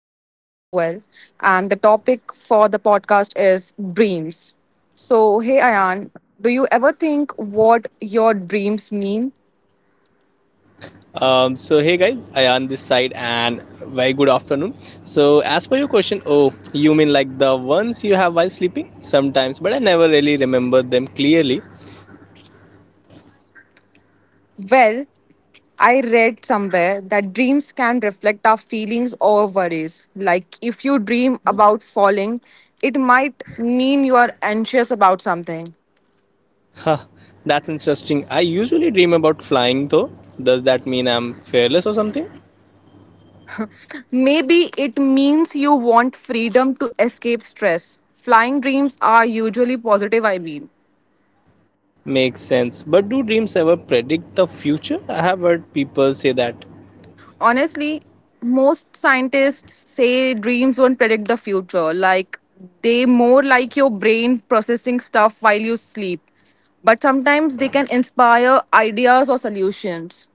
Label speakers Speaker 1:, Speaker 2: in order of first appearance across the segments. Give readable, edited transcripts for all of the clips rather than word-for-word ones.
Speaker 1: Ayan as well. And the topic for the podcast is dreams. So hey Ayan, do you ever think what your dreams mean?
Speaker 2: So hey guys, Ayan this side and very good afternoon. So as per your question, oh, you mean like the ones you have while sleeping? Sometimes, but I never really remember them clearly.
Speaker 1: Well, I read somewhere that dreams can reflect our feelings or worries. Like if you dream about falling, it might mean you are anxious about something.
Speaker 2: Huh, that's interesting. I usually dream about flying though. Does that mean I'm fearless or something?
Speaker 1: Maybe it means you want freedom to escape stress. Flying dreams are usually positive, I mean.
Speaker 2: Makes sense. But do dreams ever predict the future? I have heard people say that.
Speaker 1: Honestly, most scientists say dreams don't predict the future. Like, they more like your brain processing stuff while you sleep. But sometimes they can inspire ideas or solutions.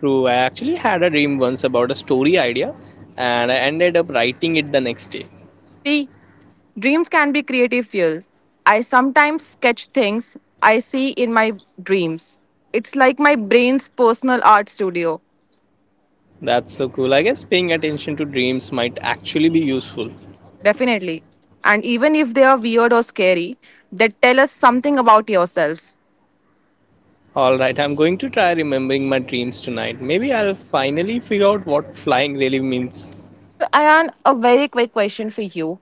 Speaker 2: True, I actually had a dream once about a story idea and I ended up writing it the next day.
Speaker 1: See, dreams can be creative fuel. I sometimes sketch things I see in my dreams. It's like my brain's personal art studio.
Speaker 2: That's so cool. I guess paying attention to dreams might actually be useful.
Speaker 1: Definitely. And even if they are weird or scary, they tell us something about yourselves.
Speaker 2: Alright, I'm going to try remembering my dreams tonight. Maybe I'll finally figure out what flying really means.
Speaker 1: So, Ayan, a very quick question for you.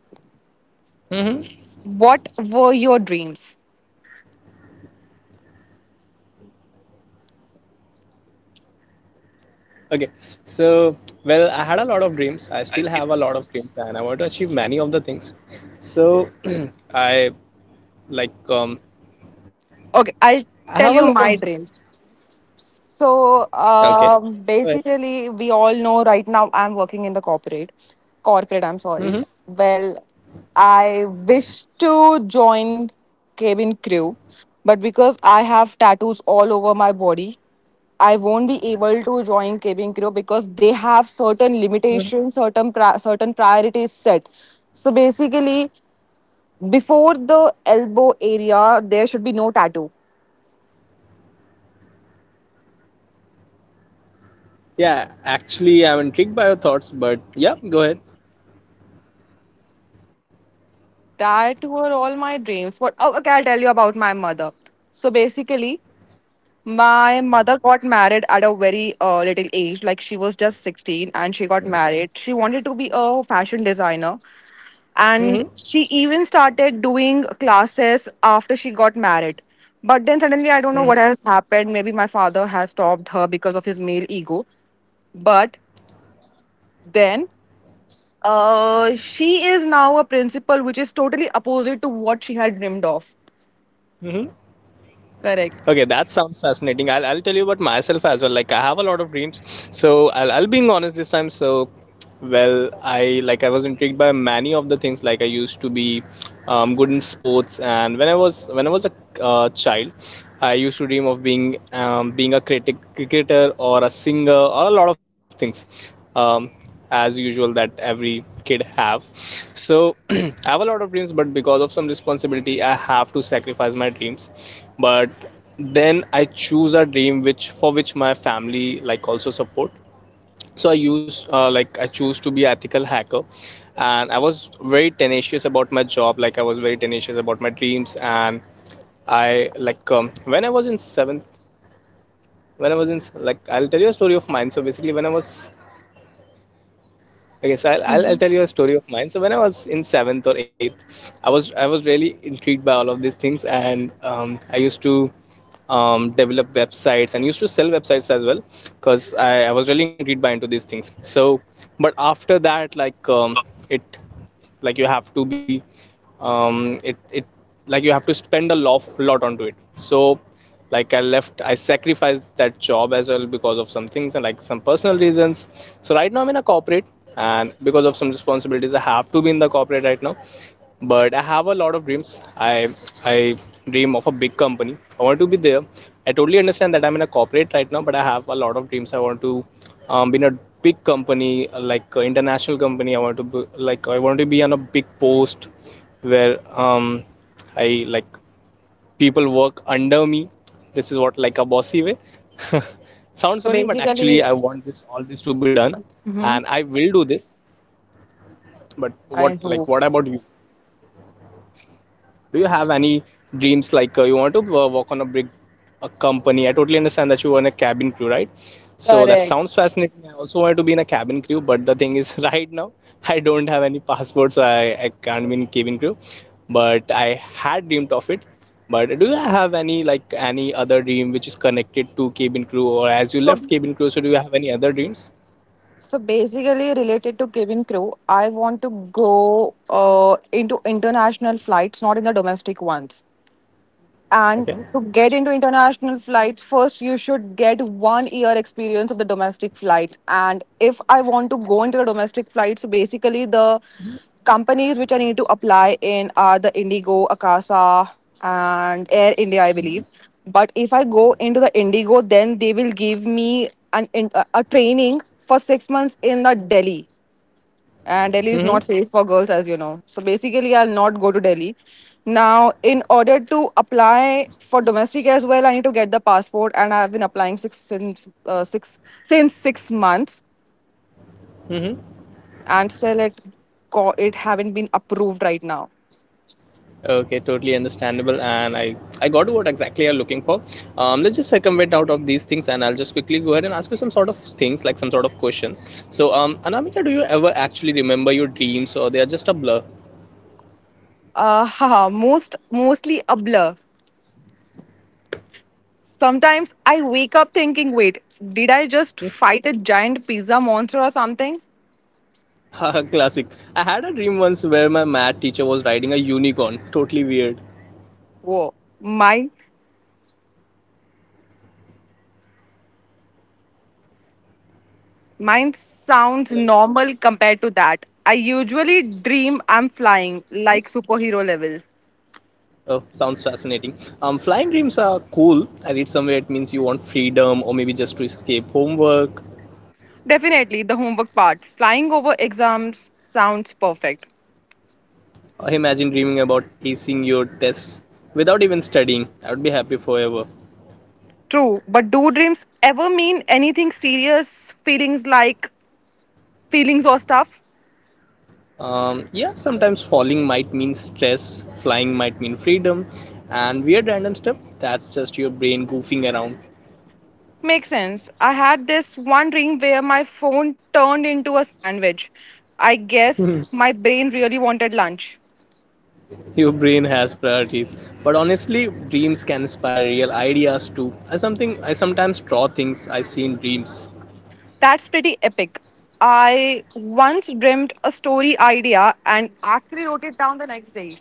Speaker 2: Mm-hmm.
Speaker 1: What were your dreams?
Speaker 2: Okay, so, well, I had a lot of dreams. I still have a lot of dreams, and I want to achieve many of the things. So, I like,
Speaker 1: Okay, I'll
Speaker 2: I have a
Speaker 1: tell
Speaker 2: lot of
Speaker 1: you my
Speaker 2: dreams.
Speaker 1: dreams. So
Speaker 2: Okay,
Speaker 1: um,
Speaker 2: go ahead.
Speaker 1: basically, we all know right now I'm working in the corporate. Corporate, I'm
Speaker 2: Mm-hmm.
Speaker 1: sorry. Well, I wish to join cabin crew, but because I have tattoos all over my body, I won't be able to join cabin crew because they have certain
Speaker 2: Hmm.
Speaker 1: limitations, certain priorities set. So basically, before the elbow area, there should be no tattoo
Speaker 2: Yeah, actually, I'm intrigued by your thoughts, but yeah, go ahead.
Speaker 1: that were all my dreams. What? Oh, okay, I'll tell you about my mother. So basically, my mother got married at a very little age. Like she was just 16 and she got married. She wanted to be a fashion designer and
Speaker 2: Mm-hmm.
Speaker 1: she even started doing classes after she got married. But then suddenly, I don't know
Speaker 2: Mm-hmm.
Speaker 1: what has happened. Maybe my father has stopped her because of his male ego. But then she is now a principal, which is totally opposite to what she had dreamed of.
Speaker 2: Mm-hmm.
Speaker 1: Correct.
Speaker 2: Okay, that sounds fascinating. I'll tell you about myself as well. Like, I have a lot of dreams. So, I'll being honest this time. So, well, I like I was intrigued by many of the things. Like I used to be good in sports, and when I was a child, I used to dream of being a critic, cricketer or a singer or a lot of things, as usual that every kid have. So I have a lot of dreams, but because of some responsibility, I have to sacrifice my dreams. But then I choose a dream which for which my family like also support. So i use uh, like I choose to be ethical hacker, and I was very tenacious about my job, like I was very tenacious about my dreams. And I, like, when I was in seventh, when I was in like I'll tell you a story of mine. So basically, when I was, I guess, I'll tell you a story of mine. So when I was in seventh or eighth, I was really intrigued by all of these things, and I used to develop websites and used to sell websites as well, because I was really intrigued by into these things. So, but after that, like, it, like, you have to be, it, like, you have to spend a lot onto it. So, like, I sacrificed that job as well because of some things and like some personal reasons. So right now I'm in a corporate, and because of some responsibilities I have to be in the corporate right now. But I have a lot of dreams. I dream of a big company. I want to be there. I totally understand that I'm in a corporate right now, but I have a lot of dreams. I want to be in a big company, like, international company. I want to be, like I want to be on a big post where, I, like, people work under me. This is what, like, a bossy way. Sounds
Speaker 1: So
Speaker 2: funny, but
Speaker 1: basically,
Speaker 2: actually I want this, all this to be done, and
Speaker 1: mhm.
Speaker 2: I will do this. But
Speaker 1: I
Speaker 2: what, like,
Speaker 1: hope.
Speaker 2: what about you? Do you have any dreams like, you want to work on a big a company? I totally understand that you want a cabin crew, right? So that
Speaker 1: Correct.
Speaker 2: sounds fascinating. I also wanted to be in a cabin crew, but the thing is, right now I don't have any passport, so I can't be in cabin crew. But I had dreamed of it. But do you have any, like, any other dream which is connected to cabin crew, or as you left
Speaker 1: So
Speaker 2: cabin crew, so do you have any other dreams?
Speaker 1: so basically, related to cabin crew, I want to go uh, into international flights, not in the domestic ones.
Speaker 2: Okay.
Speaker 1: And to get into international flights, first you should get 1 year experience of the domestic flights. And if I want to go into the domestic flights, basically the companies which I need to apply in are the Indigo, Akasa, and Air India, I believe. But if I go into the Indigo, then they will give me an in- a training for 6 months in the Delhi and Delhi is
Speaker 2: Mm-hmm.
Speaker 1: not safe for girls, as you know. So basically, I'll not go to Delhi. Now, in order to apply for domestic as well, I need to get the passport, and I've been applying six since six since 6 months,
Speaker 2: Mm-hmm.
Speaker 1: and still it haven't been approved right now.
Speaker 2: Okay, totally understandable, and I got what exactly you're looking for. Let's just circumvent out of these things, and I'll just quickly go ahead and ask you some sort of things, like some sort of questions. So, Anamika, do you ever actually remember your dreams, or they are just a blur?
Speaker 1: Haha, most mostly a blur. Sometimes I wake up thinking, wait, did I just
Speaker 2: Hmm?
Speaker 1: fight a giant pizza monster or something?
Speaker 2: Haha, classic. I had a dream once where my math teacher was riding a unicorn. Totally weird.
Speaker 1: Whoa, my Mine sounds normal compared to that. I usually dream I'm flying,
Speaker 2: Hmm?
Speaker 1: like superhero level.
Speaker 2: Oh, sounds fascinating. Flying dreams are cool. I read somewhere it means you want freedom, or maybe just to escape homework.
Speaker 1: Definitely the homework part. Flying over exams sounds perfect.
Speaker 2: Imagine dreaming about acing your tests without even studying. I would be happy forever.
Speaker 1: True, but do dreams ever mean anything serious? Feelings or stuff?
Speaker 2: Yeah, sometimes falling might mean stress, flying might mean freedom, and weird random stuff that's just your brain goofing around.
Speaker 1: Makes sense. I had this one dream where my phone turned into a sandwich. I guess my brain really wanted lunch.
Speaker 2: Your brain has priorities, but honestly, dreams can inspire real ideas too. I sometimes draw things I see in dreams.
Speaker 1: That's pretty epic. I once dreamt a story idea and actually wrote it down the next day.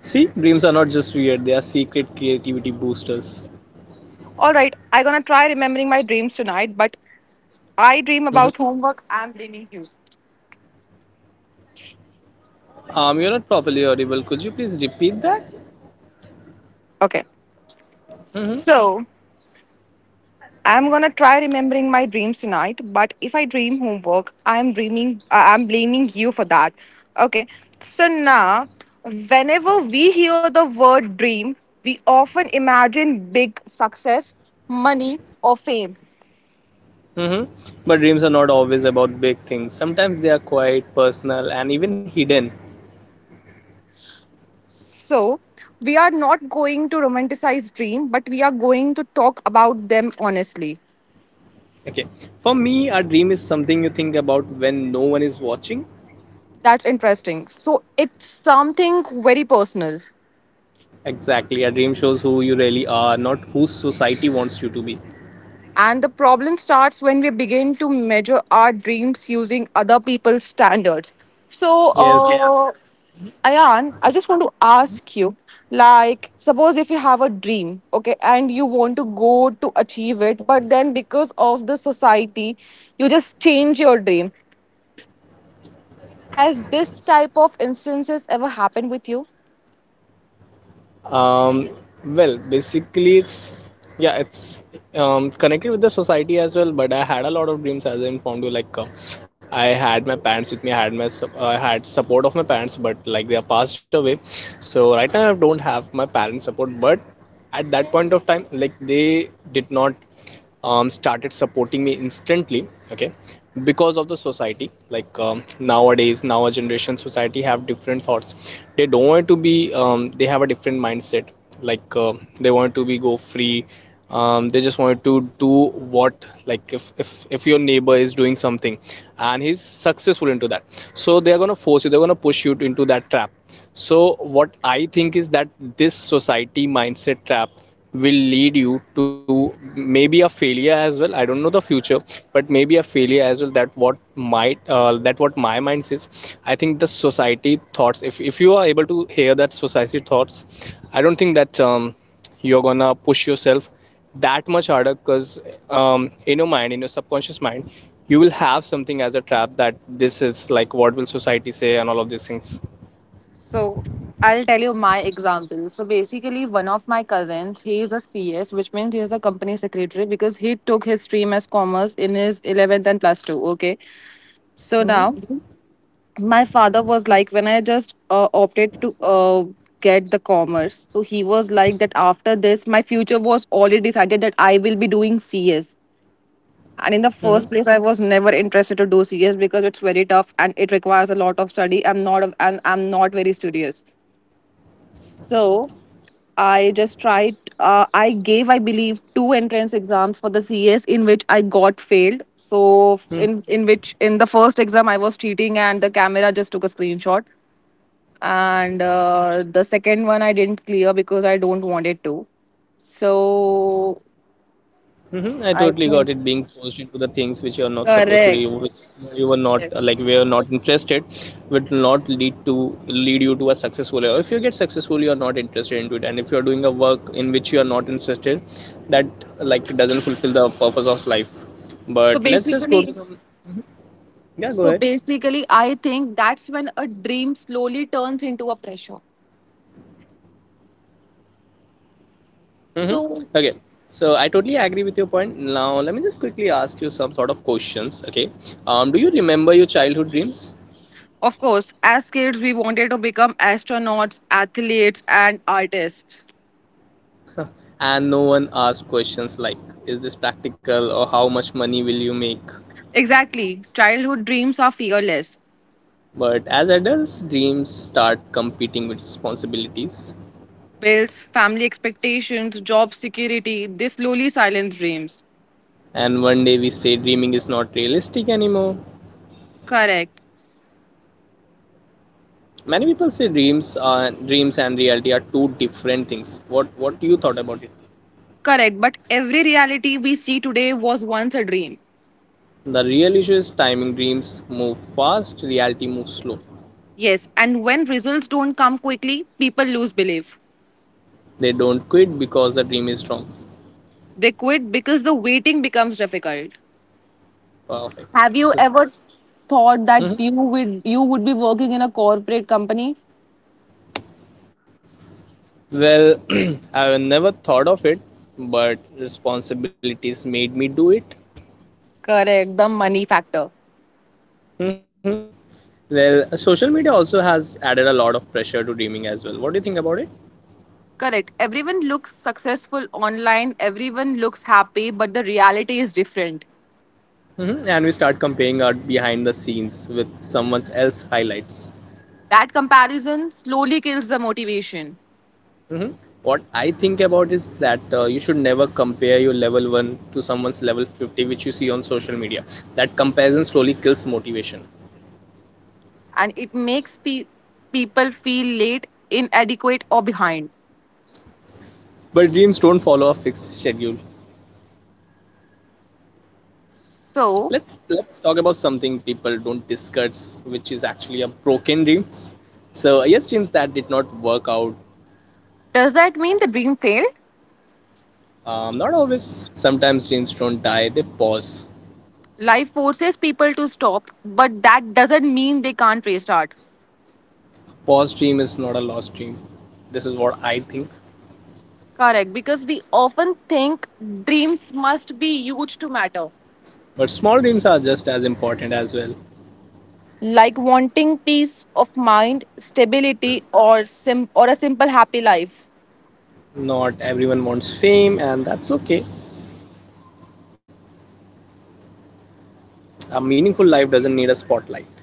Speaker 2: See, dreams are not just weird; they are secret creativity boosters.
Speaker 1: All right, I'm gonna try remembering my dreams tonight, but I dream
Speaker 2: Mhm.
Speaker 1: about homework. I'm blaming you.
Speaker 2: You're not properly audible. Could you please repeat that?
Speaker 1: Okay,
Speaker 2: Hmm.
Speaker 1: so I'm gonna try remembering my dreams tonight, but if I dream homework, I'm blaming you for that. Okay, so now whenever we hear the word dream, we often imagine big success, money, or fame.
Speaker 2: Hmm. But dreams are not always about big things. Sometimes they are quiet, personal, and even hidden.
Speaker 1: So, we are not going to romanticize dream, but we are going to talk about them honestly.
Speaker 2: Okay. For me, a dream is something you think about when no one is watching.
Speaker 1: That's interesting. So, it's something very personal.
Speaker 2: Exactly. A dream shows who you really are, not who society wants you to be.
Speaker 1: And the problem starts when we begin to measure our dreams using other people's standards. So,
Speaker 2: Yes.
Speaker 1: Ayan, I just want to ask you like, suppose if you have a dream, okay, and you want to go to achieve it, but then because of the society, you just change your dream. Has this type of instances ever happened with you?
Speaker 2: um well, basically, it's connected with the society as well. But I had a lot of dreams, as I informed you. Like, I had my parents with me. I had support of my parents, but like they are passed away. So right now I don't have my parents support, but at that point of time, like, they did not started supporting me instantly. Okay, because of the society. Like, nowadays, now our generation society have different thoughts. They don't want to be, they have a different mindset. Like, they want to be go free. They just want to do what, like, if your neighbor is doing something and he's successful into that, so they are going to force you, they're going to push you into that trap. So what I think is that this society mindset trap will lead you to maybe a failure as well. I don't know the future, but maybe a failure as well. That what might, that what my mind says. I think the society thoughts, if you are able to hear that society thoughts, I don't think that, you're gonna push yourself that much harder, because, in your subconscious mind, you will have something as a trap that this is like what will society say and all of these things.
Speaker 1: So I'll tell you my example. So basically, one of my cousins, he is a CS, which means he is a company secretary because he took his stream as commerce in his 11th and plus two. Okay. So now, mhm, my father was like, when I just opted to get the commerce, so he was like, that after this, my future was already decided that I will be doing CS. And in the first
Speaker 2: Mm-hmm.
Speaker 1: place, I was never interested to do CS because it's very tough and it requires a lot of study. I'm not very studious. So I just tried. I gave, I believe, two entrance exams for the CS in which I got failed. In the first exam I was cheating and the camera just took a screenshot. And the second one I didn't clear because I don't want it to. So
Speaker 2: Mm-hmm. I
Speaker 1: I
Speaker 2: totally got
Speaker 1: think
Speaker 2: it, being forced into the things which you are not supposed to do,
Speaker 1: correct.
Speaker 2: which you were not uh,
Speaker 1: Yes.
Speaker 2: like were not interested, will not lead you to a successful. Or if you get successful, you are not interested into it, and if you are doing a work in which you are not interested, that, like, doesn't fulfill the purpose of life.
Speaker 1: So
Speaker 2: But let's just go to
Speaker 1: basically,
Speaker 2: some. Mhm. Yeah, go
Speaker 1: So
Speaker 2: ahead.
Speaker 1: basically, I think that's when a dream slowly turns into a pressure.
Speaker 2: Mm-hmm.
Speaker 1: So,
Speaker 2: Okay. So I totally agree with your point. Now let me just quickly ask you some sort of questions. Okay. Do you remember your childhood dreams?
Speaker 1: of course, as kids, we wanted to become astronauts, athletes, and artists.
Speaker 2: And no one asks questions like, is this practical, or how much money will you make?
Speaker 1: Exactly. Childhood dreams are fearless.
Speaker 2: But as adults, dreams start competing with responsibilities,
Speaker 1: Bills, family expectations, job security, they slowly silence dreams.
Speaker 2: and one day we say dreaming is not realistic anymore.
Speaker 1: Correct.
Speaker 2: Many people say dreams are dreams and reality are two different things. What you thought about it?
Speaker 1: Correct. But every reality we see today was once a dream.
Speaker 2: The real issue is timing. Dreams move fast, reality moves slow.
Speaker 1: Yes. And when results don't come quickly, people lose belief.
Speaker 2: They don't quit because the dream is strong.
Speaker 1: They quit because the waiting becomes difficult.
Speaker 2: Perfect.
Speaker 1: Have you
Speaker 2: So,
Speaker 1: ever thought that
Speaker 2: mhm.
Speaker 1: you would be working in a corporate company?
Speaker 2: Well, I've never thought of it, but responsibilities made me do it.
Speaker 1: Correct, the money factor.
Speaker 2: Hmm. Well, social media also has added a lot of pressure to dreaming as well. What do you think about it?
Speaker 1: Correct. Everyone looks successful online, everyone looks happy, but the reality is different.
Speaker 2: Hmm. And we start comparing our behind the scenes with someone else's highlights.
Speaker 1: That comparison slowly kills the motivation
Speaker 2: Hmm. What I think about is that, you should never compare your level 1 to someone's level 50, which you see on social media. That comparison slowly kills motivation.
Speaker 1: and it makes people feel late, inadequate, or behind.
Speaker 2: But dreams don't follow a fixed schedule.
Speaker 1: So,
Speaker 2: Let's talk about something people don't discuss, which is actually a broken dreams. So yes, dreams that did not work out.
Speaker 1: does that mean the dream failed?
Speaker 2: Not always. Sometimes dreams don't die, they pause.
Speaker 1: Life forces people to stop, but that doesn't mean they can't restart.
Speaker 2: Pause dream is not a lost dream. This is what I think.
Speaker 1: Correct, because we often think dreams must be huge to matter.
Speaker 2: But small dreams are just as important as well.
Speaker 1: Like wanting peace of mind, stability, or a simple happy life.
Speaker 2: Not everyone wants fame, and that's okay. A meaningful life doesn't need a spotlight.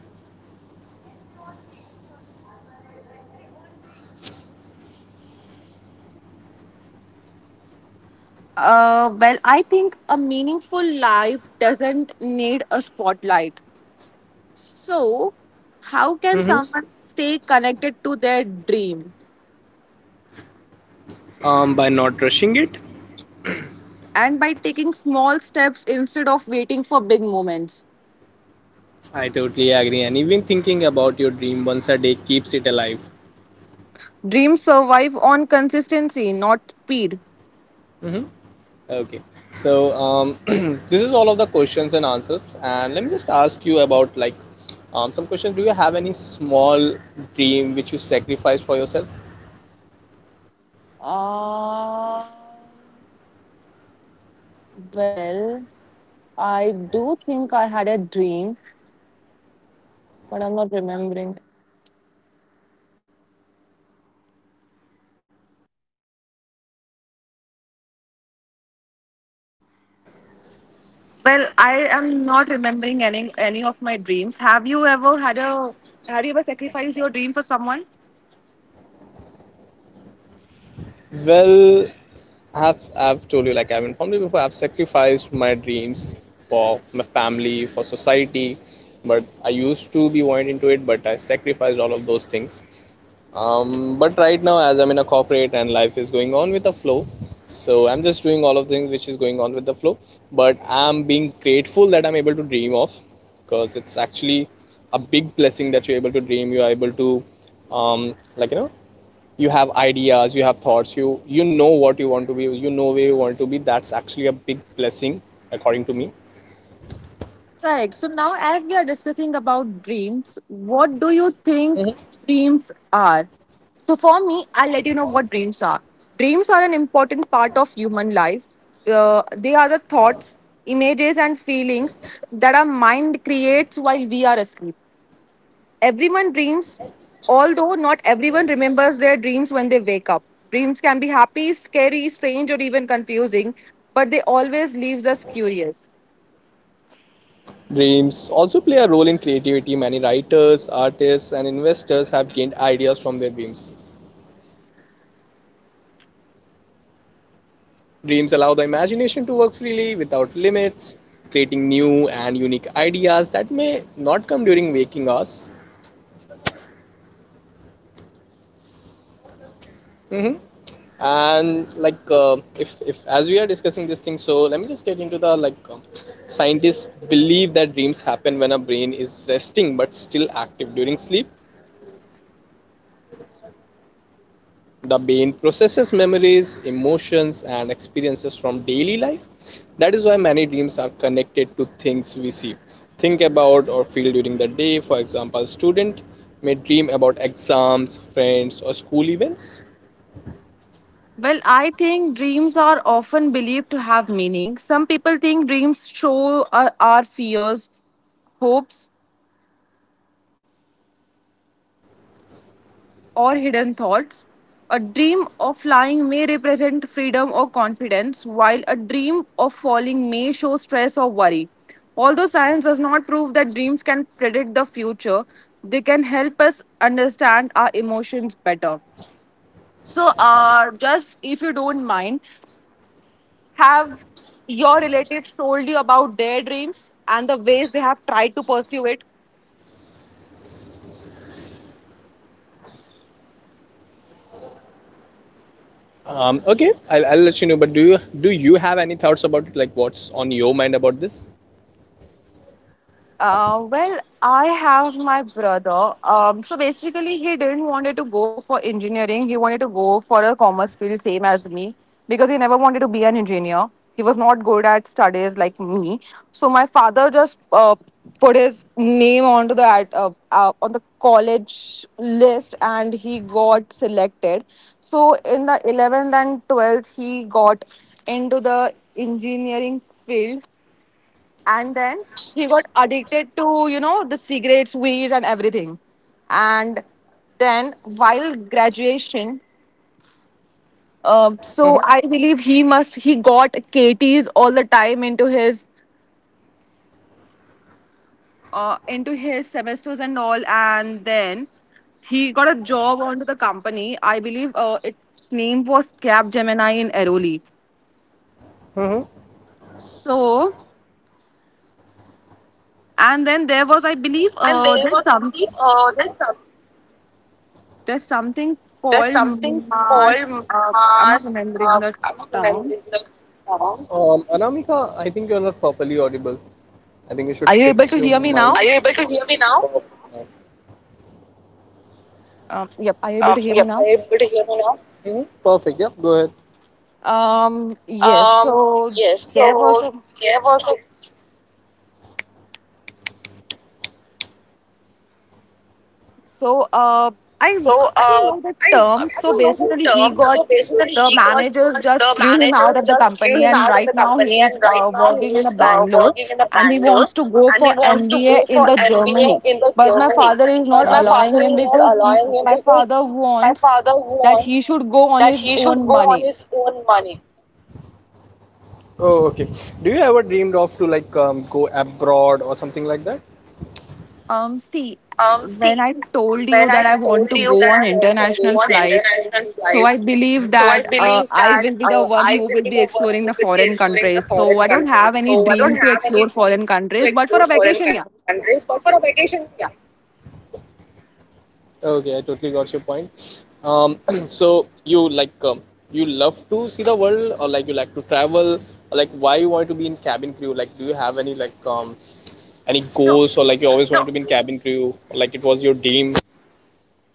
Speaker 1: Well, I think a meaningful life doesn't need a spotlight. So, how can
Speaker 2: Hmm.
Speaker 1: someone stay connected to their dream?
Speaker 2: By not rushing it.
Speaker 1: And by taking small steps instead of waiting for big moments.
Speaker 2: I totally agree, and even thinking about your dream once a day keeps it alive.
Speaker 1: Dreams survive on consistency, not speed.
Speaker 2: Hmm. Okay, so this is all of the questions and answers, and let me just ask you about like some questions. Do you have any small dream which you sacrifice for yourself?
Speaker 1: Uh, Well, I do think I had a dream, but I'm not remembering. Well, I am not remembering any of my dreams. Have you ever sacrificed your dream for someone?
Speaker 2: Well, I've told you, like I've informed you before, I've sacrificed my dreams for my family, for society, but I used to be wanting into it, but I sacrificed all of those things. But right now, as I'm in a corporate and life is going on with the flow, so I'm just doing all of things which is going on with the flow. But I'm being grateful that I'm able to dream of, because it's actually a big blessing that you're able to dream. You are able to, like you have ideas, you have thoughts, you know what you want to be, you know where you want to be. That's actually a big blessing, according to me.
Speaker 1: Correct. So now as we are discussing about dreams, what do you
Speaker 2: Mm-hmm.
Speaker 1: think dreams are? So for me, I'll let you know what dreams are. Dreams are an important part of human life. They are the thoughts, images, and feelings that our mind creates while we are asleep. Everyone dreams, although not everyone remembers their dreams when they wake up. Dreams can be happy, scary, strange, or even confusing, but they always leaves us curious.
Speaker 2: Dreams also play a role in creativity. Many writers, artists, and investors have gained ideas from their dreams. Dreams allow the imagination to work freely without limits, creating new and unique ideas that may not come during waking hours. Hmm. And like, if as we are discussing this thing, so let me just get into the like. Scientists believe that dreams happen when our brain is resting but still active during sleep. The brain processes memories, emotions, and experiences from daily life. That is why many dreams are connected to things we see, think about, or feel during the day. For example, a student may dream about exams, friends, or school events.
Speaker 1: Well, I think dreams are often believed to have meaning. Some people think dreams show our fears, hopes, or hidden thoughts. A dream of flying may represent freedom or confidence, while a dream of falling may show stress or worry. Although science does not prove that dreams can predict the future, they can help us understand our emotions better. So, just if you don't mind, have your relatives told you about their dreams and the ways they have tried to pursue it?
Speaker 2: Okay, I'll let you know. But do you have any thoughts about it? Like, what's on your mind about this?
Speaker 1: Well, I have my brother. So basically, he didn't wanted to go for engineering. He wanted to go for a commerce field, same as me, because he never wanted to be an engineer. He was not good at studies like me. So my father just put his name onto the ad- on the college list, and he got selected. So in the 11th and 12th, he got into the engineering field and then he got addicted to you know the cigarettes weeds and everything and then while graduation so I
Speaker 2: Mm-hmm.
Speaker 1: believe he got kt's all the time into his semesters and all and then he got a job onto the company I believe its name was Cap Gemini in Airoli.
Speaker 2: Mm-hmm.
Speaker 1: So and then there was I believe
Speaker 2: And there
Speaker 1: there's
Speaker 2: was, I
Speaker 1: some.
Speaker 2: believe, there's some.
Speaker 1: There's something
Speaker 2: There's
Speaker 1: called
Speaker 2: something
Speaker 1: Mass.
Speaker 2: called
Speaker 1: I'm not
Speaker 2: mass.
Speaker 1: remembering the
Speaker 2: I don't remember
Speaker 1: town.
Speaker 2: the song. Anamika, I think you're not properly audible. I think you should
Speaker 1: Are you able
Speaker 2: fix
Speaker 1: to
Speaker 2: your
Speaker 1: hear me
Speaker 2: mic. Are
Speaker 1: now?
Speaker 2: you able to hear me now?
Speaker 1: Yep. Are you able to hear
Speaker 2: Yep.
Speaker 1: me
Speaker 2: Are
Speaker 1: now?
Speaker 2: you able to hear me now? Mhm, perfect. Yep. Go ahead. Um,
Speaker 1: Yes.
Speaker 2: yes. So
Speaker 1: So there
Speaker 2: there
Speaker 1: was
Speaker 2: was
Speaker 1: a.
Speaker 2: a
Speaker 1: So
Speaker 2: so
Speaker 1: I I do not know the
Speaker 2: I
Speaker 1: term.
Speaker 2: I
Speaker 1: So
Speaker 2: don't know the
Speaker 1: basically, he
Speaker 2: term. So
Speaker 1: got
Speaker 2: basically,
Speaker 1: the
Speaker 2: he got
Speaker 1: managers
Speaker 2: the
Speaker 1: just threw him out
Speaker 2: managers
Speaker 1: of the
Speaker 2: just threw
Speaker 1: company,
Speaker 2: him
Speaker 1: and
Speaker 2: out of
Speaker 1: right
Speaker 2: the
Speaker 1: now he
Speaker 2: company,
Speaker 1: is
Speaker 2: and right now he
Speaker 1: working in the
Speaker 2: is
Speaker 1: Bangalore,
Speaker 2: working in the
Speaker 1: and he
Speaker 2: Bangalore,
Speaker 1: wants to go
Speaker 2: and he
Speaker 1: for
Speaker 2: wants to
Speaker 1: MBA
Speaker 2: go for
Speaker 1: in the Germany.
Speaker 2: MBA in the
Speaker 1: But my
Speaker 2: Germany.
Speaker 1: father is
Speaker 2: But
Speaker 1: not
Speaker 2: mm-hmm, my, mhm,
Speaker 1: allowing
Speaker 2: father
Speaker 1: him
Speaker 2: is not
Speaker 1: because he,
Speaker 2: allowing him
Speaker 1: my
Speaker 2: because
Speaker 1: father
Speaker 2: he, my
Speaker 1: wants
Speaker 2: father
Speaker 1: that he
Speaker 2: wants
Speaker 1: should go on
Speaker 2: that
Speaker 1: his
Speaker 2: he should
Speaker 1: own
Speaker 2: go on
Speaker 1: money.
Speaker 2: his own money. Oh, okay. Do you ever dreamed of to like go abroad or something like that?
Speaker 1: See, when
Speaker 2: See,
Speaker 1: I told
Speaker 2: when
Speaker 1: you
Speaker 2: I
Speaker 1: that I
Speaker 2: told
Speaker 1: want to
Speaker 2: you
Speaker 1: go
Speaker 2: that
Speaker 1: on
Speaker 2: I want to go
Speaker 1: international
Speaker 2: on
Speaker 1: flights,
Speaker 2: international
Speaker 1: so I
Speaker 2: flights, hmm?
Speaker 1: believe
Speaker 2: So I
Speaker 1: that
Speaker 2: believe
Speaker 1: I
Speaker 2: that
Speaker 1: will be the one
Speaker 2: I
Speaker 1: who
Speaker 2: will
Speaker 1: will
Speaker 2: be
Speaker 1: be
Speaker 2: the one
Speaker 1: exploring
Speaker 2: who
Speaker 1: the
Speaker 2: will be
Speaker 1: foreign
Speaker 2: exploring the
Speaker 1: countries. So
Speaker 2: foreign
Speaker 1: I don't
Speaker 2: countries.
Speaker 1: have any
Speaker 2: So I don't
Speaker 1: dream to
Speaker 2: have any
Speaker 1: explore
Speaker 2: dream
Speaker 1: foreign
Speaker 2: to
Speaker 1: countries,
Speaker 2: explore
Speaker 1: but for a
Speaker 2: foreign
Speaker 1: vacation,
Speaker 2: countries,
Speaker 1: yeah.
Speaker 2: but for a vacation, yeah. Okay, I totally got your point. So you like you love to see the world, or like you like to travel, or like why you want to be in cabin crew? Like, do you have any like any
Speaker 1: No,
Speaker 2: goals, or like you always, no, wanted to be in cabin crew, or like it was your dream?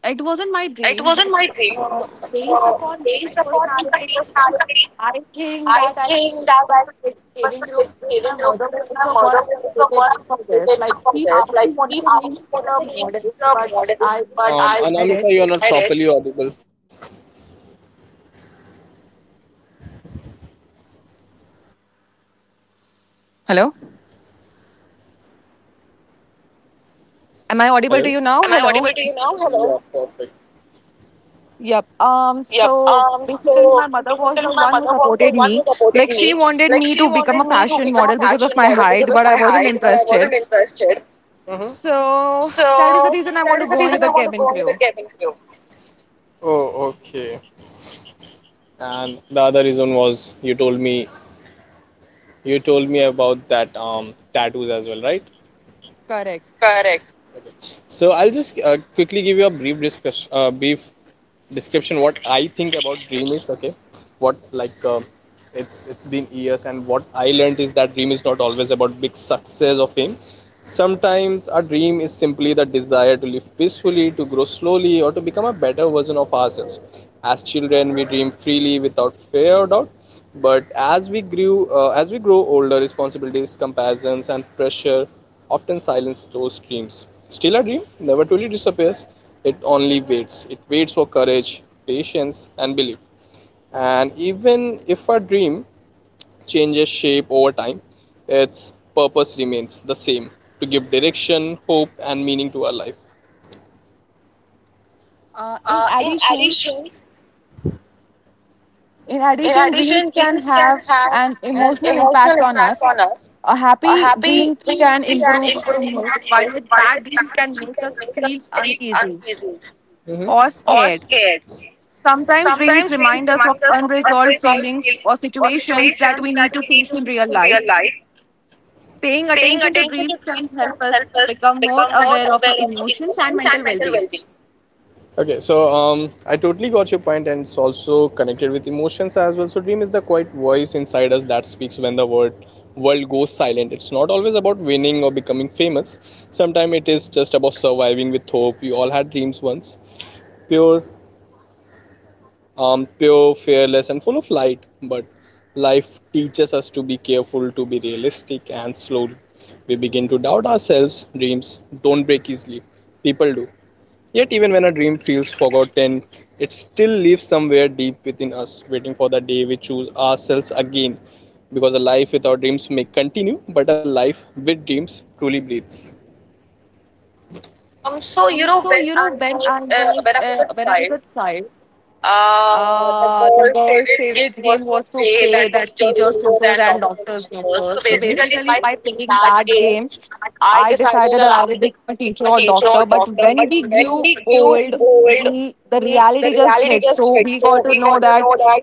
Speaker 1: it wasn't my
Speaker 2: It
Speaker 1: dream, but
Speaker 2: wasn't my
Speaker 1: uh,
Speaker 2: dream.
Speaker 1: based
Speaker 2: uh,
Speaker 1: upon my
Speaker 2: Based upon
Speaker 1: personality,
Speaker 2: I was personality,
Speaker 1: I think
Speaker 2: I
Speaker 1: that I
Speaker 2: think that
Speaker 1: was
Speaker 2: I
Speaker 1: the
Speaker 2: was
Speaker 1: saving
Speaker 2: a
Speaker 1: group
Speaker 2: bit
Speaker 1: with my
Speaker 2: student group
Speaker 1: mother who
Speaker 2: with
Speaker 1: was
Speaker 2: my
Speaker 1: the one
Speaker 2: mother
Speaker 1: who
Speaker 2: was the
Speaker 1: voted me
Speaker 2: one
Speaker 1: for
Speaker 2: who
Speaker 1: this.
Speaker 2: did
Speaker 1: Like,
Speaker 2: for
Speaker 1: she
Speaker 2: this.
Speaker 1: actually
Speaker 2: Like,
Speaker 1: wanted
Speaker 2: he
Speaker 1: me to
Speaker 2: asked me
Speaker 1: be
Speaker 2: for
Speaker 1: the
Speaker 2: the names
Speaker 1: model, but
Speaker 2: the
Speaker 1: I
Speaker 2: model,
Speaker 1: denied
Speaker 2: but
Speaker 1: it.
Speaker 2: I. Anamika, you're not properly audible.
Speaker 1: Am I audible to you now? Hello? Am I audible to you
Speaker 2: Hello?
Speaker 1: now?
Speaker 2: Am I
Speaker 1: Hello?
Speaker 2: audible to you now? Hello? Yeah, perfect.
Speaker 1: Yep. Um,
Speaker 2: Yep.
Speaker 1: so basically my
Speaker 2: So
Speaker 1: mother was the
Speaker 2: basically,
Speaker 1: one
Speaker 2: my
Speaker 1: who
Speaker 2: mother was
Speaker 1: supported
Speaker 2: the one
Speaker 1: me.
Speaker 2: who
Speaker 1: Like
Speaker 2: supported
Speaker 1: she
Speaker 2: me.
Speaker 1: wanted
Speaker 2: Like
Speaker 1: me to
Speaker 2: she
Speaker 1: become a
Speaker 2: wanted me to
Speaker 1: fashion
Speaker 2: become a
Speaker 1: model because of
Speaker 2: fashion
Speaker 1: my
Speaker 2: model because
Speaker 1: height,
Speaker 2: of
Speaker 1: but
Speaker 2: my
Speaker 1: I wasn't
Speaker 2: height, but I wasn't
Speaker 1: interested.
Speaker 2: interested. Mm-hmm.
Speaker 1: So
Speaker 2: So
Speaker 1: that is the reason I
Speaker 2: that
Speaker 1: want to
Speaker 2: is the
Speaker 1: go into
Speaker 2: reason I
Speaker 1: the
Speaker 2: want to
Speaker 1: cabin
Speaker 2: go into the
Speaker 1: crew.
Speaker 2: cabin crew. Oh, okay. And the other reason was you told me about that tattoos as well, right?
Speaker 1: Correct.
Speaker 2: Correct. Okay. So I'll just quickly give you a brief discuss, brief description what I think about dream is okay. What like it's been years, and what I learned is that dream is not always about big success or fame. Sometimes our dream is simply the desire to live peacefully, to grow slowly, or to become a better version of ourselves. As children we dream freely without fear or doubt, but as we grow older, responsibilities, comparisons, and pressure often silence those dreams. Still, a dream never truly disappears, it only waits. It waits for courage, patience, and belief. And even if a dream changes shape over time, its purpose remains the same: to give direction, hope, and meaning to our life.
Speaker 1: Uh, in
Speaker 2: Uh, in
Speaker 1: addition,
Speaker 2: addition,
Speaker 1: in
Speaker 2: in
Speaker 1: addition, dreams
Speaker 2: addition,
Speaker 1: can
Speaker 2: dreams can
Speaker 1: have
Speaker 2: have
Speaker 1: an
Speaker 2: an
Speaker 1: emotional
Speaker 2: emotional
Speaker 1: impact on
Speaker 2: impact
Speaker 1: us.
Speaker 2: on us.
Speaker 1: A
Speaker 2: A
Speaker 1: happy
Speaker 2: happy
Speaker 1: dream can
Speaker 2: Jamesy and
Speaker 1: improve our
Speaker 2: improved
Speaker 1: mood,
Speaker 2: animal
Speaker 1: while a bad
Speaker 2: provided
Speaker 1: dream
Speaker 2: bad
Speaker 1: can
Speaker 2: teeth
Speaker 1: make
Speaker 2: and
Speaker 1: us
Speaker 2: make
Speaker 1: feel
Speaker 2: us feel
Speaker 1: uneasy
Speaker 2: uneasy, mm-hmm,
Speaker 1: or
Speaker 2: or
Speaker 1: scared.
Speaker 2: scared.
Speaker 1: Sometimes dreams remind us
Speaker 2: Sometimes
Speaker 1: of
Speaker 2: dreams remind us of
Speaker 1: unresolved feelings
Speaker 2: unresolved
Speaker 1: or
Speaker 2: feelings or
Speaker 1: situations that we need
Speaker 2: situations
Speaker 1: to
Speaker 2: that we
Speaker 1: face in
Speaker 2: need to
Speaker 1: real
Speaker 2: fix in
Speaker 1: life.
Speaker 2: real life.
Speaker 1: Paying
Speaker 2: Paying
Speaker 1: attention to
Speaker 2: attention to
Speaker 1: dreams can
Speaker 2: dreams can
Speaker 1: help
Speaker 2: help
Speaker 1: us
Speaker 2: us
Speaker 1: become more
Speaker 2: become more
Speaker 1: aware of
Speaker 2: aware
Speaker 1: our
Speaker 2: of our
Speaker 1: emotions
Speaker 2: emotions
Speaker 1: and
Speaker 2: and
Speaker 1: mental
Speaker 2: mental well
Speaker 1: well-being.
Speaker 2: being. Okay, so I totally got your point, and it's also connected with emotions as well. So, dream is the quiet voice inside us that speaks when the world goes silent. It's not always about winning or becoming famous. Sometimes it is just about surviving with hope. We all had dreams once, pure, fearless, and full of light. But life teaches us to be careful, to be realistic, and slowly we begin to doubt ourselves. Dreams don't break easily. People do. Yet, even when a dream feels forgotten, it still lives somewhere deep within us, waiting for the day we choose ourselves again. Because a life without dreams may continue, but a life with dreams truly breathes.
Speaker 1: Um, so you
Speaker 2: So
Speaker 1: know,
Speaker 2: you know,
Speaker 1: when
Speaker 2: when
Speaker 1: I
Speaker 2: I
Speaker 1: was
Speaker 2: was uh, when I
Speaker 1: a
Speaker 2: was a
Speaker 1: child,
Speaker 2: child, uh,
Speaker 1: The
Speaker 2: the
Speaker 1: girls'
Speaker 2: girl's
Speaker 1: favorite
Speaker 2: favorite
Speaker 1: game
Speaker 2: dream
Speaker 1: was
Speaker 2: was
Speaker 1: to
Speaker 2: to
Speaker 1: pay
Speaker 2: play
Speaker 1: that
Speaker 2: that
Speaker 1: teachers,
Speaker 2: teachers,
Speaker 1: teachers,
Speaker 2: teachers,
Speaker 1: and
Speaker 2: and
Speaker 1: doctors,
Speaker 2: doctors game.
Speaker 1: doctors. So
Speaker 2: So hmm,
Speaker 1: basically,
Speaker 2: basically,
Speaker 1: by
Speaker 2: by
Speaker 1: playing
Speaker 2: playing that
Speaker 1: that game,
Speaker 2: game,
Speaker 1: I
Speaker 2: I
Speaker 1: decided
Speaker 2: decided
Speaker 1: that
Speaker 2: that
Speaker 1: I
Speaker 2: I
Speaker 1: will
Speaker 2: will be
Speaker 1: become a teacher
Speaker 2: a
Speaker 1: or
Speaker 2: teacher
Speaker 1: doctor.
Speaker 2: or
Speaker 1: But
Speaker 2: doctor.
Speaker 1: when
Speaker 2: But
Speaker 1: we
Speaker 2: when
Speaker 1: grew
Speaker 2: we grew
Speaker 1: old,
Speaker 2: old,
Speaker 1: we the
Speaker 2: we, the
Speaker 1: reality just
Speaker 2: reality
Speaker 1: hit.
Speaker 2: just
Speaker 1: So
Speaker 2: hit.
Speaker 1: we got
Speaker 2: So
Speaker 1: to
Speaker 2: we
Speaker 1: know
Speaker 2: got to
Speaker 1: that
Speaker 2: know that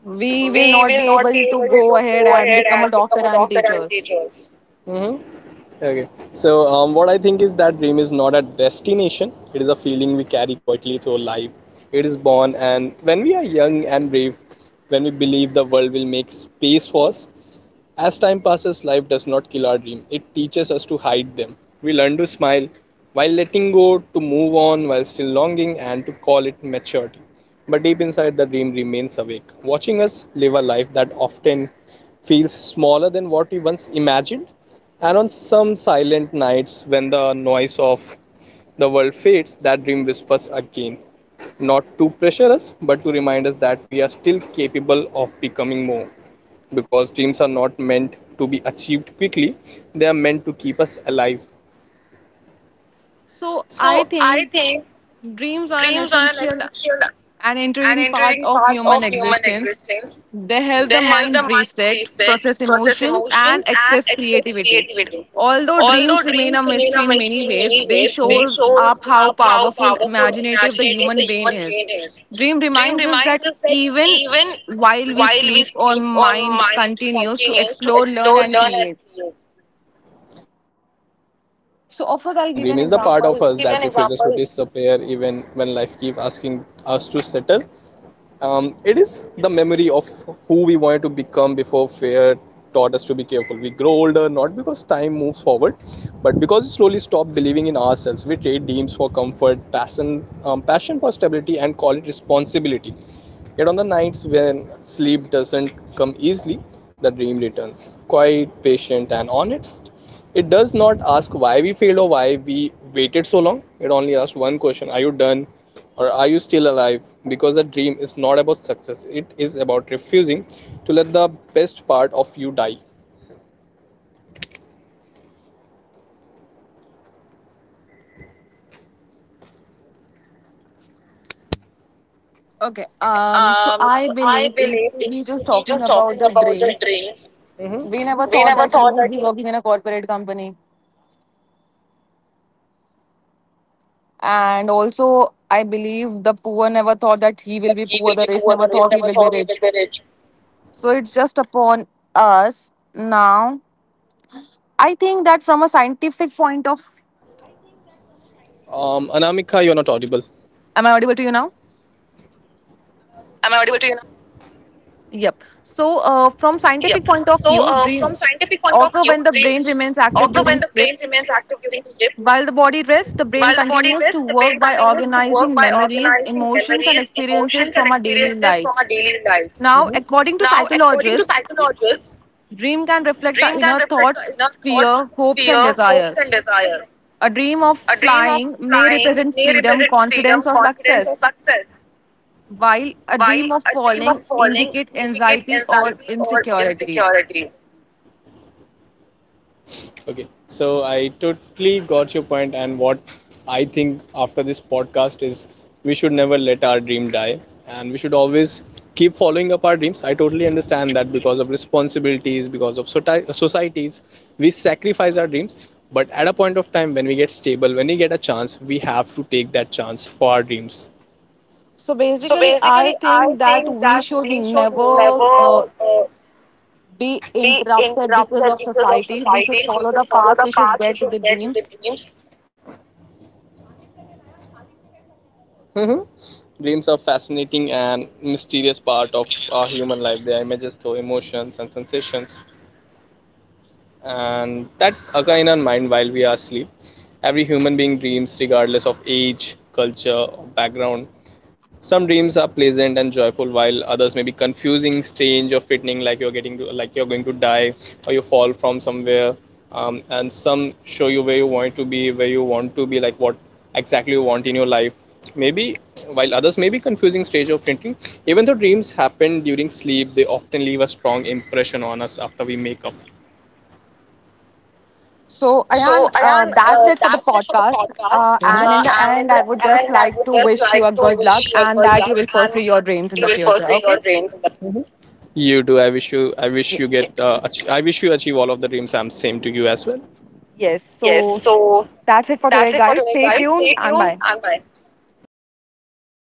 Speaker 1: we will
Speaker 2: we
Speaker 1: not
Speaker 2: will
Speaker 1: be
Speaker 2: not be
Speaker 1: able to
Speaker 2: able
Speaker 1: go
Speaker 2: to
Speaker 1: ahead
Speaker 2: go
Speaker 1: and
Speaker 2: ahead
Speaker 1: become a
Speaker 2: and
Speaker 1: doctor
Speaker 2: become a
Speaker 1: and
Speaker 2: doctor and
Speaker 1: teachers.
Speaker 2: teachers. Mhm. Okay. So, what I think is that dream is not a destination. It is a feeling we carry quietly through life. It is born, and when we are young and brave, when we believe the world will make space for us, as time passes, life does not kill our dreams, it teaches us to hide them. We learn to smile while letting go, to move on while still longing, and to call it maturity. But deep inside, the dream remains awake, watching us live a life that often feels smaller than what we once imagined. And on some silent nights, when the noise of the world fades, that dream whispers again, not to pressure us, but to remind us that we are still capable of becoming more, because dreams are not meant to be achieved quickly, they are meant to keep us alive.
Speaker 1: So I
Speaker 2: So I
Speaker 1: think
Speaker 2: think
Speaker 1: dreams are an
Speaker 2: dreams are an
Speaker 1: essential,
Speaker 2: essential
Speaker 1: an
Speaker 2: an
Speaker 1: intriguing part
Speaker 2: intriguing
Speaker 1: of
Speaker 2: part
Speaker 1: human
Speaker 2: of human
Speaker 1: existence.
Speaker 2: existence.
Speaker 1: They help the
Speaker 2: They help the
Speaker 1: mind
Speaker 2: mind
Speaker 1: reset,
Speaker 2: reset,
Speaker 1: process
Speaker 2: process
Speaker 1: emotions, and
Speaker 2: emotions, and
Speaker 1: express
Speaker 2: express
Speaker 1: creativity.
Speaker 2: creativity.
Speaker 1: Although
Speaker 2: Although
Speaker 1: dreams remain a
Speaker 2: dreams remain
Speaker 1: mystery
Speaker 2: a
Speaker 1: in many
Speaker 2: mystery in
Speaker 1: ways,
Speaker 2: many
Speaker 1: they
Speaker 2: ways,
Speaker 1: show
Speaker 2: they show
Speaker 1: up how
Speaker 2: up how
Speaker 1: powerful,
Speaker 2: powerful,
Speaker 1: imaginative the
Speaker 2: imaginative
Speaker 1: human
Speaker 2: the
Speaker 1: brain
Speaker 2: human
Speaker 1: is.
Speaker 2: brain is.
Speaker 1: Dream
Speaker 2: Dream
Speaker 1: reminds us
Speaker 2: reminds
Speaker 1: that
Speaker 2: us that
Speaker 1: even
Speaker 2: even
Speaker 1: while we
Speaker 2: while we
Speaker 1: sleep, our
Speaker 2: sleep, our
Speaker 1: mind
Speaker 2: mind
Speaker 1: continues to
Speaker 2: continues to
Speaker 1: explore, learn,
Speaker 2: explore,
Speaker 1: and
Speaker 2: learn, and
Speaker 1: create.
Speaker 2: create. Ah, yeah, I totally agree with your point.
Speaker 1: So,
Speaker 2: Dream
Speaker 1: of
Speaker 2: is
Speaker 1: course,
Speaker 2: the
Speaker 1: I'll
Speaker 2: part
Speaker 1: give
Speaker 2: of
Speaker 1: an
Speaker 2: us give that an
Speaker 1: example.
Speaker 2: refuses to example disappear even when life keeps asking us to settle. It is the memory of who we wanted to become before fear taught us to be careful. We grow older not because time moves forward, but because we slowly stop believing in ourselves. We trade dreams for comfort, passion, passion for stability, and call it responsibility. Yet on the nights when sleep doesn't come easily, the dream returns, quiet, patient, and honest. It does not ask why we failed or why we waited so long. It only asks one question: are you done, or are you still alive? Because a dream is not about success, it is about refusing to let the best part of you die.
Speaker 1: Okay. So I
Speaker 2: So I
Speaker 1: believe if
Speaker 2: believe
Speaker 1: we just
Speaker 2: if we
Speaker 1: talking
Speaker 2: just
Speaker 1: about
Speaker 2: talking
Speaker 1: the
Speaker 2: about the
Speaker 1: dreams,
Speaker 2: dreams,
Speaker 1: we never
Speaker 2: mm-hmm, we
Speaker 1: thought
Speaker 2: never
Speaker 1: that we
Speaker 2: thought
Speaker 1: would
Speaker 2: that
Speaker 1: be
Speaker 2: he
Speaker 1: working in a corporate company. And also, I believe the poor never
Speaker 2: never
Speaker 1: thought
Speaker 2: thought that
Speaker 1: that he
Speaker 2: he
Speaker 1: will
Speaker 2: will be
Speaker 1: be poor,
Speaker 2: poor
Speaker 1: the
Speaker 2: or
Speaker 1: rich
Speaker 2: he's
Speaker 1: never
Speaker 2: never
Speaker 1: thought
Speaker 2: thought
Speaker 1: he
Speaker 2: he will
Speaker 1: will be
Speaker 2: be rich.
Speaker 1: rich. So
Speaker 2: So it's
Speaker 1: it's just
Speaker 2: just
Speaker 1: upon us now. I think that from a scientific point
Speaker 2: Anamika,
Speaker 1: of
Speaker 2: you are not audible. Am I
Speaker 1: am I
Speaker 2: audible
Speaker 1: audible
Speaker 2: to
Speaker 1: to
Speaker 2: you
Speaker 1: you
Speaker 2: now?
Speaker 1: now?
Speaker 2: Perfect, yeah, go ahead.
Speaker 1: Yep.
Speaker 2: Yep.
Speaker 1: So
Speaker 2: So
Speaker 1: from
Speaker 2: from
Speaker 1: scientific point of
Speaker 2: scientific point
Speaker 1: view,
Speaker 2: of view,
Speaker 1: dreams
Speaker 2: dreams.
Speaker 1: occur when the
Speaker 2: Although when
Speaker 1: brain
Speaker 2: the brain
Speaker 1: remains
Speaker 2: remains
Speaker 1: active
Speaker 2: active
Speaker 1: during
Speaker 2: during
Speaker 1: sleep.
Speaker 2: sleep,
Speaker 1: While the
Speaker 2: while the
Speaker 1: body
Speaker 2: body
Speaker 1: rests, the
Speaker 2: rests, the
Speaker 1: brain
Speaker 2: brain
Speaker 1: continues
Speaker 2: continues
Speaker 1: to
Speaker 2: to
Speaker 1: work
Speaker 2: work
Speaker 1: by
Speaker 2: by organizing
Speaker 1: organizing memories,
Speaker 2: memories,
Speaker 1: emotions,
Speaker 2: emotions,
Speaker 1: and
Speaker 2: and
Speaker 1: experiences
Speaker 2: experiences from
Speaker 1: from our
Speaker 2: our
Speaker 1: daily
Speaker 2: daily
Speaker 1: lives.
Speaker 2: lives. Mhm.
Speaker 1: Now,
Speaker 2: Now, according
Speaker 1: according
Speaker 2: to
Speaker 1: to psychologists,
Speaker 2: psychologists, dream
Speaker 1: dream can
Speaker 2: can reflect
Speaker 1: reflect
Speaker 2: the
Speaker 1: our
Speaker 2: inner
Speaker 1: inner thoughts,
Speaker 2: thoughts, fear,
Speaker 1: fear, hopes,
Speaker 2: hopes,
Speaker 1: and
Speaker 2: and desires.
Speaker 1: desires. A
Speaker 2: A
Speaker 1: dream
Speaker 2: dream
Speaker 1: of
Speaker 2: of
Speaker 1: flying
Speaker 2: flying
Speaker 1: may
Speaker 2: may
Speaker 1: represent
Speaker 2: represent
Speaker 1: freedom,
Speaker 2: freedom,
Speaker 1: confidence, or
Speaker 2: confidence, or
Speaker 1: success,
Speaker 2: success,
Speaker 1: while
Speaker 2: while
Speaker 1: a
Speaker 2: a
Speaker 1: dream of
Speaker 2: dream of
Speaker 1: falling
Speaker 2: falling
Speaker 1: indicate
Speaker 2: indicates
Speaker 1: anxiety
Speaker 2: anxiety
Speaker 1: or
Speaker 2: or
Speaker 1: insecurity.
Speaker 2: insecurity. Okay, so I totally got your point, and what I think after this podcast is we should never let our dream die, and we should always keep following up our dreams. I totally understand that because of responsibilities, because of societies, we sacrifice our dreams. But at a point of time when we get stable, when we get a chance, we have to take that chance for our dreams.
Speaker 1: So
Speaker 2: So
Speaker 1: basically, I
Speaker 2: basically, I
Speaker 1: think that
Speaker 2: think
Speaker 1: we
Speaker 2: that
Speaker 1: should
Speaker 2: we should
Speaker 1: never
Speaker 2: never
Speaker 1: be
Speaker 2: be
Speaker 1: interrupted because
Speaker 2: interrupted
Speaker 1: of
Speaker 2: because of
Speaker 1: society. We should
Speaker 2: society. We
Speaker 1: follow
Speaker 2: should
Speaker 1: the
Speaker 2: follow
Speaker 1: path.
Speaker 2: the
Speaker 1: We should
Speaker 2: path, we
Speaker 1: get
Speaker 2: should
Speaker 1: the
Speaker 2: get to the
Speaker 1: dreams.
Speaker 2: dreams. Mm-hmm. Dreams are fascinating and mysterious part of our human life. They are images through emotions and sensations, and that occur in our mind while we are asleep. Every human being dreams, regardless of age, culture, or background. Some dreams are pleasant and joyful, while others may be confusing, strange, or frightening, like you're getting to, like you're going to die or you fall from somewhere. And some show you where you want to be, where you want to be, like what exactly you want in your life. Maybe while others may be confusing, strange, or frightening, even though dreams happen during sleep, they often leave a strong impression on us after we make up.
Speaker 1: So,
Speaker 2: So,
Speaker 1: Ayan,
Speaker 2: Ayan,
Speaker 1: that's it for the
Speaker 2: that's it for the
Speaker 1: podcast.
Speaker 2: podcast.
Speaker 1: Uh,
Speaker 2: Mm-hmm.
Speaker 1: and in the
Speaker 2: And in
Speaker 1: end, I
Speaker 2: the
Speaker 1: would just
Speaker 2: end, I
Speaker 1: like
Speaker 2: would
Speaker 1: to
Speaker 2: just
Speaker 1: wish you
Speaker 2: like
Speaker 1: a
Speaker 2: to
Speaker 1: good luck
Speaker 2: wish you all
Speaker 1: and
Speaker 2: good
Speaker 1: that you
Speaker 2: luck
Speaker 1: will
Speaker 2: and
Speaker 1: pursue your dreams in
Speaker 2: you
Speaker 1: the
Speaker 2: will
Speaker 1: future.
Speaker 2: pursue your
Speaker 1: Okay?
Speaker 2: dreams. In the- you do.
Speaker 1: Yes.
Speaker 2: I wish you achieve all of the dreams. I'm same to you as well.
Speaker 1: Yes.
Speaker 2: Yes,
Speaker 1: So,
Speaker 2: so
Speaker 1: that's it for today,
Speaker 2: that's it for
Speaker 1: guys.
Speaker 2: today,
Speaker 1: Stay
Speaker 2: guys.
Speaker 1: tuned
Speaker 2: Stay
Speaker 1: and
Speaker 2: tuned
Speaker 1: bye.
Speaker 2: and bye. Bye bye.